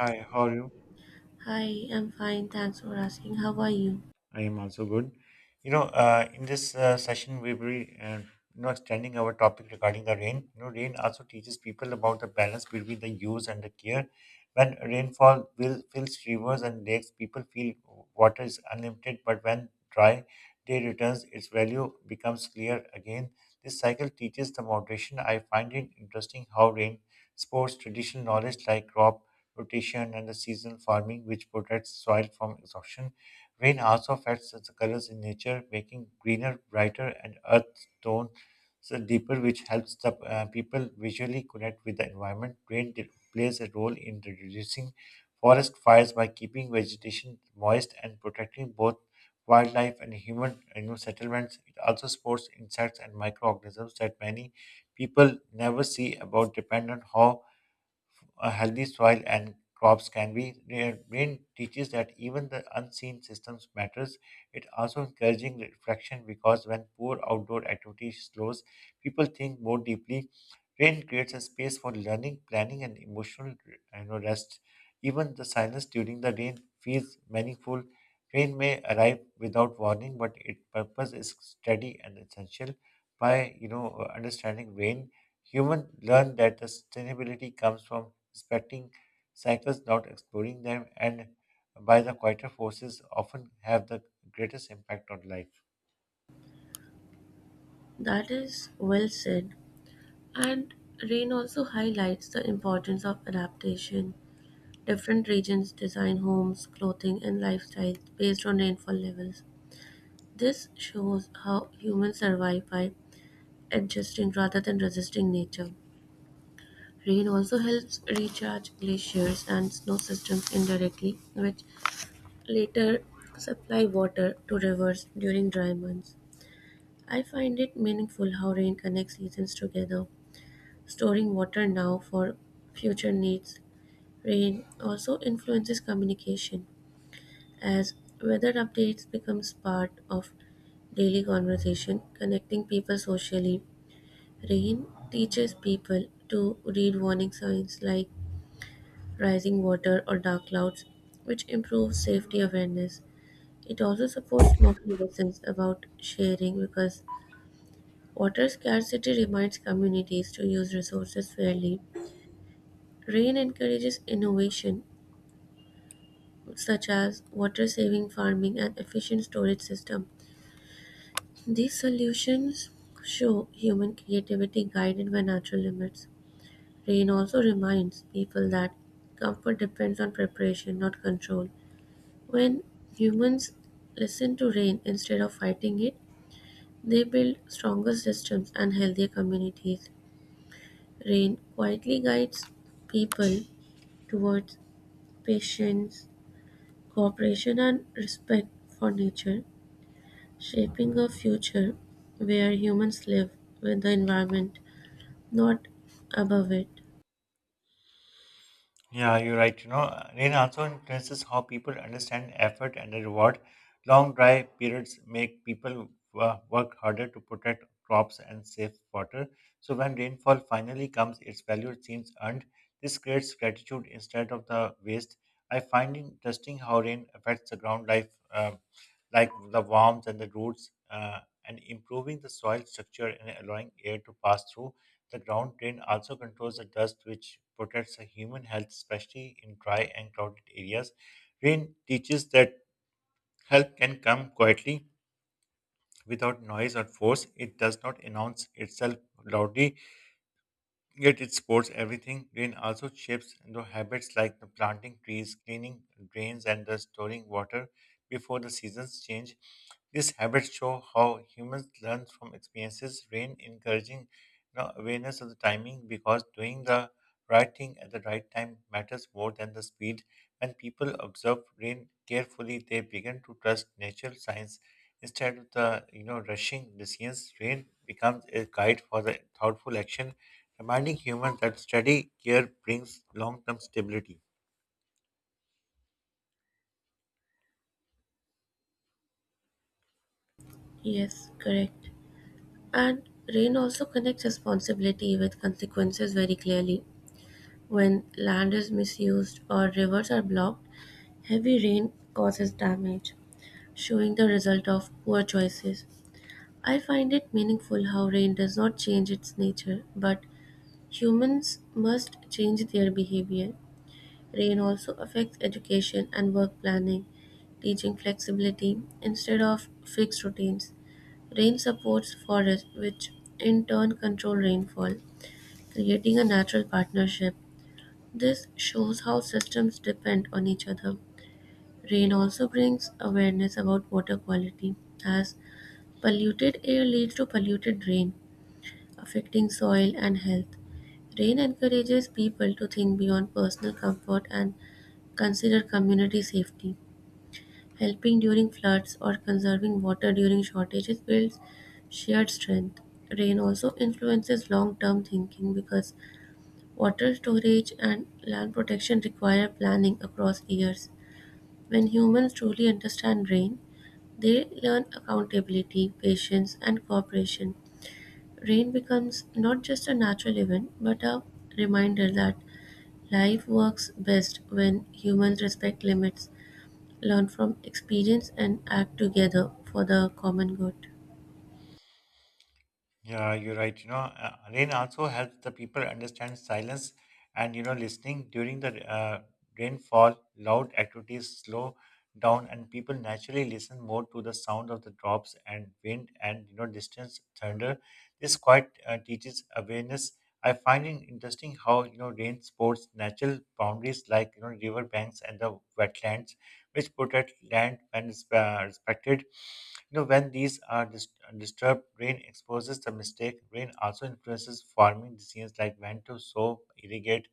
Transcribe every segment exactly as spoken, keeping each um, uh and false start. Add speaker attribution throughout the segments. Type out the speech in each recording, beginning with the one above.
Speaker 1: Hi, how are you?
Speaker 2: Hi, I'm fine. Thanks for asking. How are you?
Speaker 1: I am also good. You know, uh, in this uh, session, we will be, uh, you know, extending our topic regarding the rain. You know, rain also teaches people about the balance between the use and the care. When rainfall will fills rivers and lakes, people feel water is unlimited, but when dry day returns, its value becomes clear again. This cycle teaches the moderation. I find it interesting how rain supports traditional knowledge like crop rotation and the seasonal farming, which protects soil from exhaustion. Rain also affects the colors in nature, making greener, brighter, and earth tones deeper, which helps the uh, people visually connect with the environment. Rain de- plays a role in reducing forest fires by keeping vegetation moist and protecting both wildlife and human you know, settlements. It also supports insects and microorganisms that many people never see about depend on how a healthy soil and crops can be. Ra- Rain teaches that even the unseen systems matters. It also encouraging reflection because when poor outdoor activity slows, people think more deeply. Rain creates a space for learning, planning, and emotional you know, rest. Even the silence during the rain feels meaningful. Rain may arrive without warning, but its purpose is steady and essential. By you know understanding rain, human learn that the sustainability comes from respecting cycles without exploring them, and by the quieter forces often have the greatest impact on life.
Speaker 2: That is well said. And rain also highlights the importance of adaptation. Different regions design homes, clothing, and lifestyles based on rainfall levels. This shows how humans survive by adjusting rather than resisting nature. Rain also helps recharge glaciers and snow systems indirectly, which later supply water to rivers during dry months. I find it meaningful how rain connects seasons together, storing water now for future needs. Rain also influences communication, as weather updates becomes part of daily conversation, connecting people socially. Rain teaches people to read warning signs like rising water or dark clouds, which improves safety awareness. It also supports moral lessons about sharing because water scarcity reminds communities to use resources fairly. Rain encourages innovation such as water saving farming and efficient storage system. These solutions show human creativity guided by natural limits. Rain also reminds people that comfort depends on preparation, not control. When humans listen to rain instead of fighting it, they build stronger systems and healthier communities. Rain quietly guides people towards patience, cooperation and respect for nature, shaping a future where humans live with the environment, not above it.
Speaker 1: Yeah, you're right. You know, rain also influences how people understand effort and the reward. Long dry periods make people wo- work harder to protect crops and save water. So when rainfall finally comes, its value seems earned. This creates gratitude instead of the waste. I find it interesting how rain affects the ground life, uh, like the worms and the roots, uh, and improving the soil structure and allowing air to pass through. The ground drain also controls the dust, which protects the human health, especially in dry and crowded areas. Rain teaches that help can come quietly without noise or force. It does not announce itself loudly. Yet it supports everything. Rain also shapes the habits like the planting trees, cleaning drains, and the storing water before the seasons change. These habits show how humans learn from experiences. Rain encouraging you know, awareness of the timing because doing the right thing at the right time matters more than the speed. When people observe rain carefully, they begin to trust natural signs instead of the you know rushing decisions. Rain becomes a guide for the thoughtful action, reminding humans that steady care brings long-term stability.
Speaker 2: Yes, correct. And rain also connects responsibility with consequences very clearly. When land is misused or rivers are blocked, heavy rain causes damage, showing the result of poor choices. I find it meaningful how rain does not change its nature, but humans must change their behavior. Rain also affects education and work planning, teaching flexibility instead of fixed routines. Rain supports forests, which in turn control rainfall, creating a natural partnership. This shows how systems depend on each other. Rain also brings awareness about water quality, as polluted air leads to polluted rain affecting soil and health. Rain encourages people to think beyond personal comfort and consider community safety. Helping during floods or conserving water during shortages builds shared strength. Rain also influences long term thinking because water storage and land protection require planning across years. When humans truly understand rain, they learn accountability, patience, and cooperation. Rain becomes not just a natural event, but a reminder that life works best when humans respect limits, learn from experience, and act together for the common good.
Speaker 1: Yeah, you're right. You know, uh, rain also helps the people understand silence and, you know, listening during the uh, rainfall, loud activities slow down and people naturally listen more to the sound of the drops and wind and, you know, distance thunder. This quite uh, teaches awareness. I find it interesting how, you know, rain supports natural boundaries like, you know, river banks and the wetlands which protect land when it's, uh, respected. You know, when these are dis- disturbed, rain exposes the mistake. Rain also influences farming decisions like when to sow, irrigate,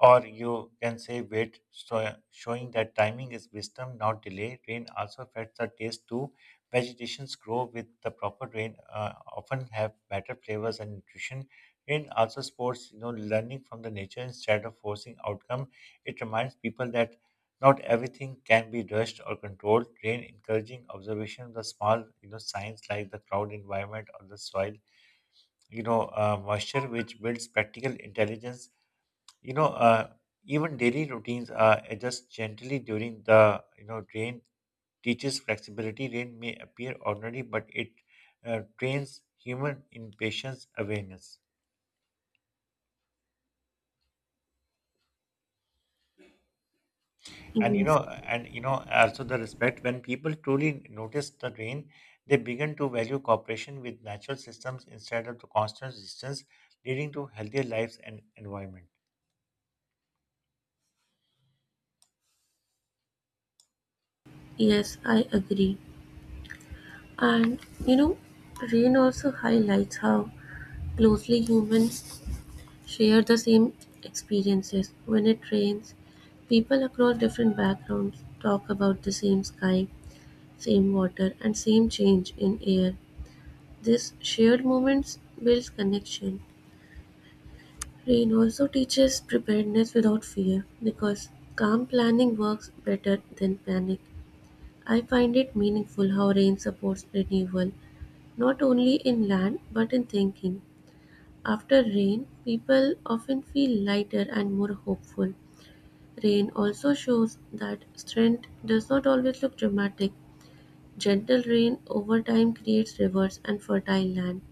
Speaker 1: or you can say wait, so showing that timing is wisdom, not delay. Rain also affects the taste too. Vegetations grow with the proper rain, uh, often have better flavors and nutrition. Rain also supports, you know, learning from the nature instead of forcing outcome. It reminds people that not everything can be rushed or controlled. Rain encouraging observation of the small, you know, signs like the cloud environment or the soil, you know, uh, moisture, which builds practical intelligence you know, uh, even daily routines are adjusted gently during the, you know, rain teaches flexibility. Rain may appear ordinary, but it uh, trains human in patience awareness. And you
Speaker 2: Yes,
Speaker 1: know, and you know, also the respect when people truly notice the rain, they begin to value cooperation with natural systems instead of the constant resistance, leading to healthier lives and environment.
Speaker 2: yes, I agree. And you know, rain also highlights how closely humans share the same experiences. When it rains, people across different backgrounds talk about the same sky, same water, and same change in air. This shared moments builds connection. Rain also teaches preparedness without fear because calm planning works better than panic. I find it meaningful how rain supports renewal, not only in land but in thinking. After rain, people often feel lighter and more hopeful. Rain also shows that strength does not always look dramatic. Gentle rain over time creates rivers and fertile land.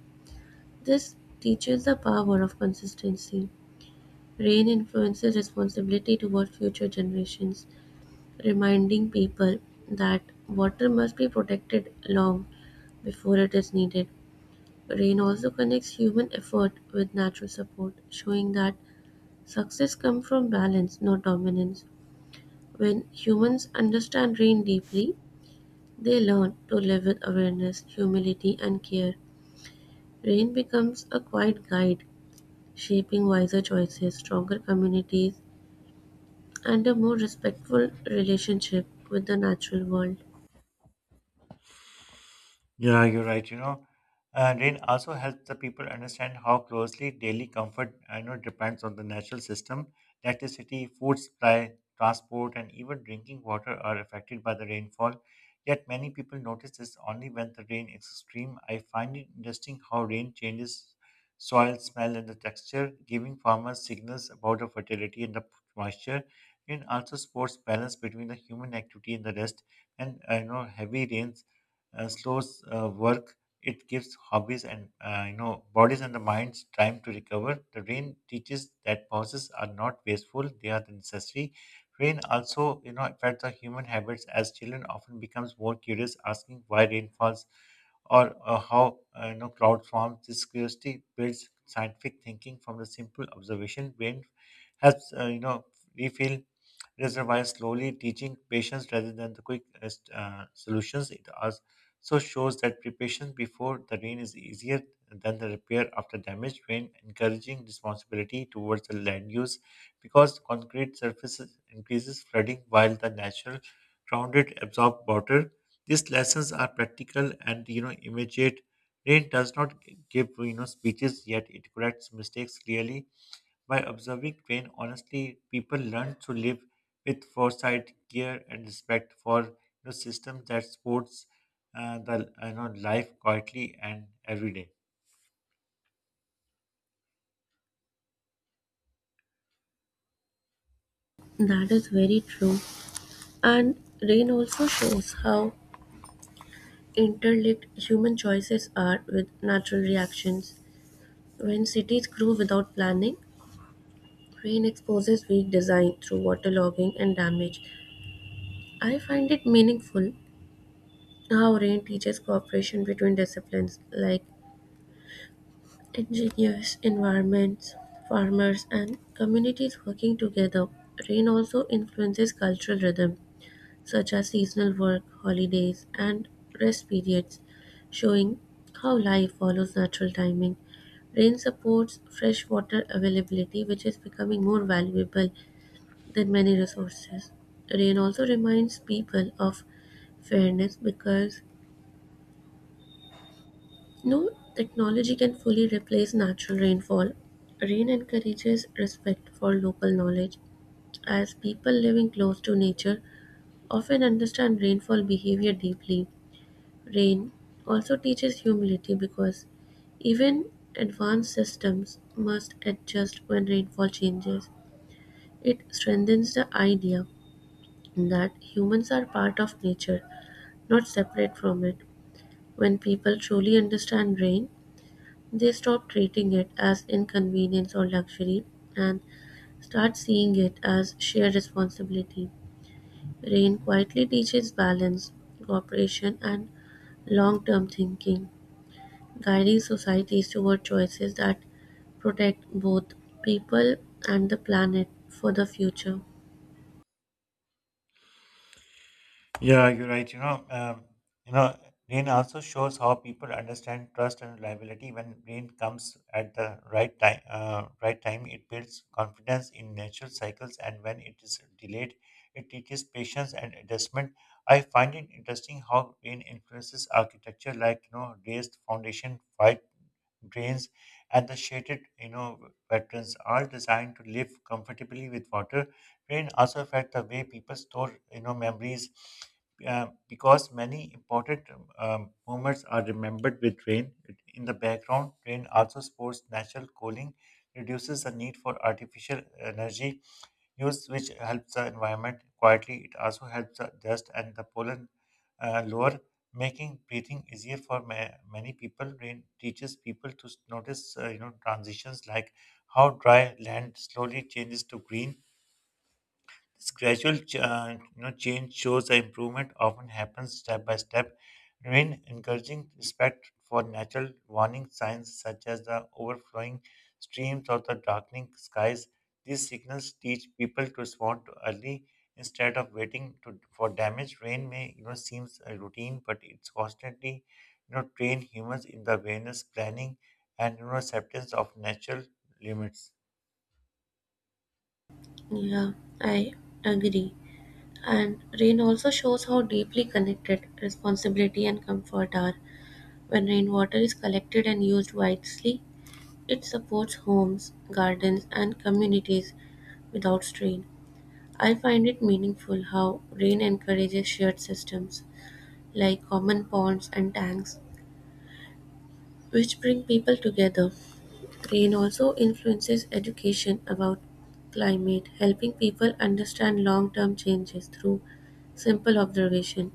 Speaker 2: This teaches the power of consistency. Rain influences responsibility toward future generations, reminding people that water must be protected long before it is needed. Rain also connects human effort with natural support, showing that success comes from balance, not dominance. When humans understand rain deeply, they learn to live with awareness, humility, and care. Rain becomes a quiet guide shaping wiser choices, stronger communities, and a more respectful relationship with the natural world.
Speaker 1: Yeah, you're right. You know, uh, rain also helps the people understand how closely daily comfort, I know, depends on the natural system. Electricity, food supply, transport, and even drinking water are affected by the rainfall. Yet many people notice this only when the rain is extreme. I find it interesting how rain changes soil smell and the texture, giving farmers signals about the fertility and the moisture. Rain also supports balance between the human activity and the rest. And I know heavy rains uh, slows uh, work. It gives hobbies and uh, you know bodies and the minds time to recover. The rain teaches that pauses are not wasteful; they are the necessary. Rain also you know affects our human habits as children often becomes more curious, asking why rain falls or uh, how uh, you know cloud forms. This curiosity builds scientific thinking from the simple observation. Rain helps uh, you know refill reservoirs slowly, teaching patience rather than the quick uh, uh, solutions. It as so shows that preparation before the rain is easier than the repair after damage. Rain encouraging responsibility towards the land use because concrete surfaces increases flooding while the natural grounded absorb water. These lessons are practical and you know immediate. Rain does not give you know speeches yet it corrects mistakes clearly by observing Crane, honestly, people learn to live with foresight, care, and respect for the system that supports uh, the you know, life quietly and every day.
Speaker 2: That is very true. And rain also shows how interlinked human choices are with natural reactions. When cities grow without planning, rain exposes weak design through waterlogging and damage. I find it meaningful how rain teaches cooperation between disciplines like engineers, environments, farmers, and communities working together. Rain also influences cultural rhythm, such as seasonal work, holidays, and rest periods, showing how life follows natural timing. Rain supports freshwater availability, which is becoming more valuable than many resources. Rain also reminds people of fairness because no technology can fully replace natural rainfall. Rain encourages respect for local knowledge, as people living close to nature often understand rainfall behavior deeply. Rain also teaches humility because even advanced systems must adjust when rainfall changes. It strengthens the idea that humans are part of nature, not separate from it. When people truly understand rain, they stop treating it as inconvenience or luxury and start seeing it as shared responsibility. Rain quietly teaches balance, cooperation, and long term thinking, guiding societies toward choices that protect both people and the planet for the future.
Speaker 1: Yeah, you're right. You know, um, you know, Rain also shows how people understand trust and reliability. When rain comes at the right time, uh, right time, it builds confidence in natural cycles, and when it is delayed, it teaches patience and adjustment. I find it interesting how rain influences architecture, like you know, raised foundation, drains, and the shaded, you know, veterans are designed to live comfortably with water. Rain also affect the way people store, you know, memories uh, because many important um, moments are remembered with rain. In the background, rain also supports natural cooling, reduces the need for artificial energy use, which helps the environment quietly. It also helps the dust and the pollen uh, lower making breathing easier for ma- many people. Rain teaches people to s- notice, uh, you know, transitions like how dry land slowly changes to green this gradual ch- uh, you know, change shows the improvement often happens step by step. Remain encouraging respect for natural warning signs such as the overflowing streams or the darkening skies. These signals teach people to respond to early instead of waiting to, for damage. Rain may you know seems a routine, but it's constantly you know train humans in the awareness, planning, and you know acceptance of natural limits.
Speaker 2: Yeah, I agree. And rain also shows how deeply connected responsibility and comfort are. When rainwater is collected and used wisely, it supports homes, gardens, and communities without strain. I find it meaningful how rain encourages shared systems like common ponds and tanks, which bring people together. Rain also influences education about climate, helping people understand long term changes through simple observation.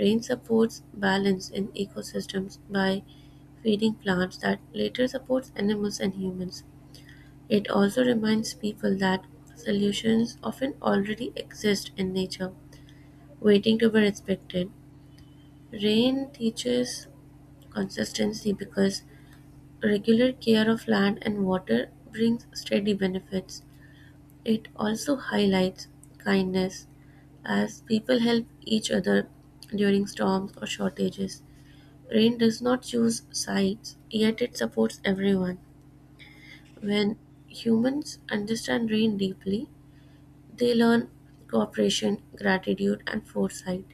Speaker 2: Rain supports balance in ecosystems by feeding plants that later supports animals and humans. It also reminds people that solutions often already exist in nature, waiting to be respected. Rain teaches consistency because regular care of land and water brings steady benefits. It also highlights kindness as people help each other during storms or shortages. Rain does not choose sides, yet it supports everyone. When humans understand rain deeply, they learn cooperation, gratitude, and foresight.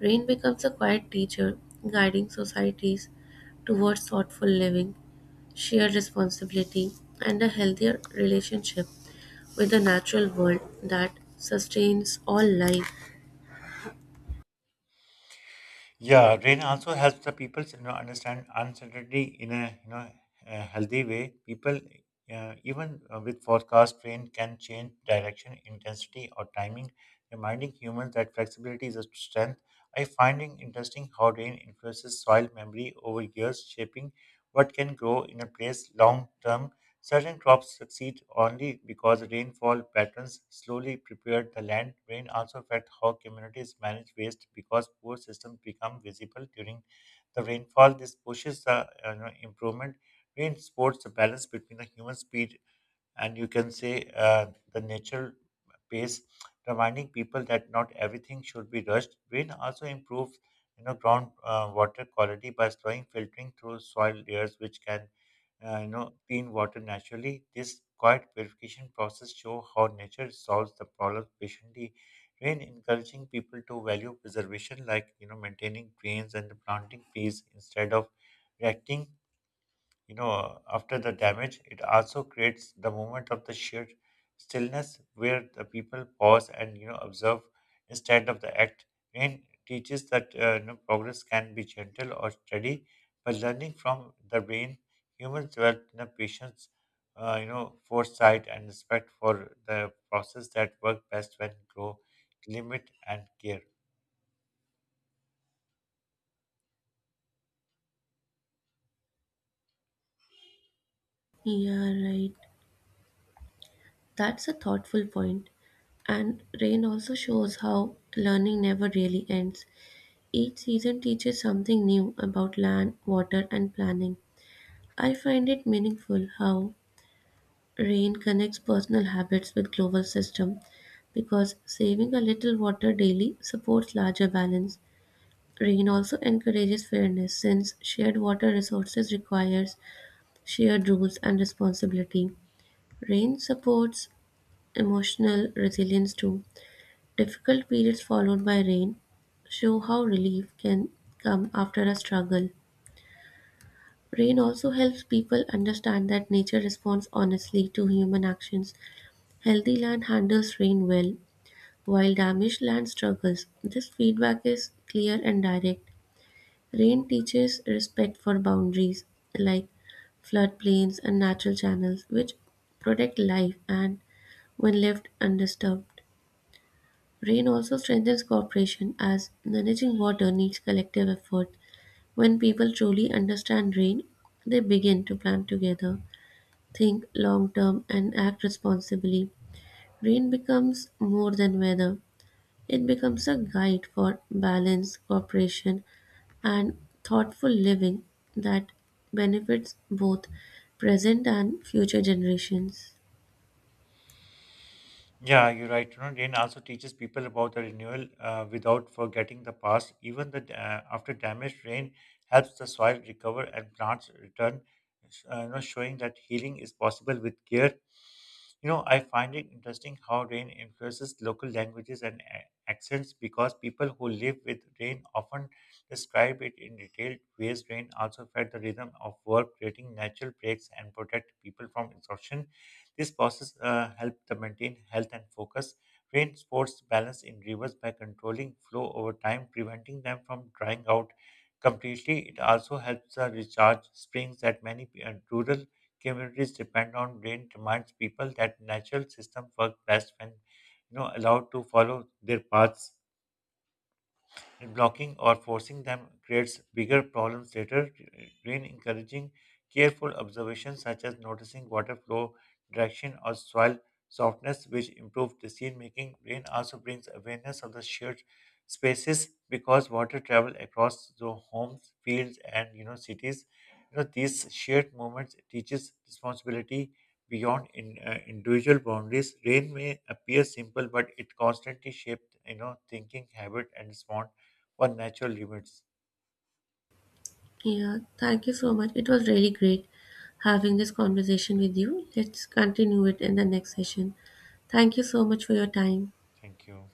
Speaker 2: Rain becomes a quiet teacher, guiding societies towards thoughtful living, shared responsibility, and a healthier relationship with the natural world that sustains all life.
Speaker 1: Yeah, rain also helps the people you know understand uncertainty in a you know a healthy way. People uh, even uh, with forecast rain can change direction, intensity, or timing, reminding humans that flexibility is a strength. I finding interesting how rain influences soil memory over years, shaping what can grow in a place long term. Certain crops succeed only because rainfall patterns slowly prepared the land. Rain also affects how communities manage waste because poor systems become visible during the rainfall. This pushes the uh, you know, improvement. Rain supports the balance between the human speed and you can say uh, the natural pace, reminding people that not everything should be rushed. Rain also improves, you know, ground uh, water quality by slowing filtering through soil layers, which can, uh, you know, clean water naturally. This quiet purification process show how nature solves the problem patiently. Rain encouraging people to value preservation, like you know, maintaining drains and planting trees instead of reacting you know, after the damage, it also creates the moment of the sheer stillness where the people pause and, you know, observe instead of the act. Rain teaches that uh, you know, progress can be gentle or steady, but learning from the rain, humans develop you know, patience, uh, you know, foresight and respect for the process that work best when grow, limit and care.
Speaker 2: Yeah, right. That's a thoughtful point. And rain also shows how learning never really ends. Each season teaches something new about land, water, and planning. I find it meaningful how rain connects personal habits with global system because saving a little water daily supports larger balance. Rain also encourages fairness since shared water resources requires shared rules and responsibility. Rain supports emotional resilience too. Difficult periods followed by rain show how relief can come after a struggle. Rain also helps people understand that nature responds honestly to human actions. Healthy land handles rain well, while damaged land struggles. This feedback is clear and direct. Rain teaches respect for boundaries like floodplains and natural channels, which protect life and when left undisturbed. Rain also strengthens cooperation as managing water needs collective effort. When people truly understand rain, they begin to plan together, think long term, and act responsibly. Rain becomes more than weather. It becomes a guide for balance, cooperation, and thoughtful living that benefits both present and future generations.
Speaker 1: Yeah, you're right. You know, rain also teaches people about the renewal uh, without forgetting the past. Even the uh, after damage, rain helps the soil recover and plants return, uh, you know, showing that healing is possible with care. You know, I find it interesting how rain influences local languages and a- accents because people who live with rain often describe it in detailed ways. Rain also fed the rhythm of work, creating natural breaks and protect people from exhaustion. This process uh, helps to maintain health and focus. Rain sports balance in rivers by controlling flow over time, preventing them from drying out completely. It also helps uh, recharge springs that many p- uh, rural communities depend on. Rain reminds people that natural systems work best when you know allowed to follow their paths blocking or forcing them creates bigger problems later. Rain encouraging careful observation such as noticing water flow, direction, or soil softness, which improve decision making. Rain also brings awareness of the shared spaces because water travel across the homes, fields, and you know cities. You know these shared moments teaches responsibility beyond in, uh, individual boundaries. Rain may appear simple, but it constantly shaped you know thinking habit and response or natural limits.
Speaker 2: Yeah, thank you so much. It was really great having this conversation with you. Let's continue it in the next session. Thank you so much for your time.
Speaker 1: Thank you.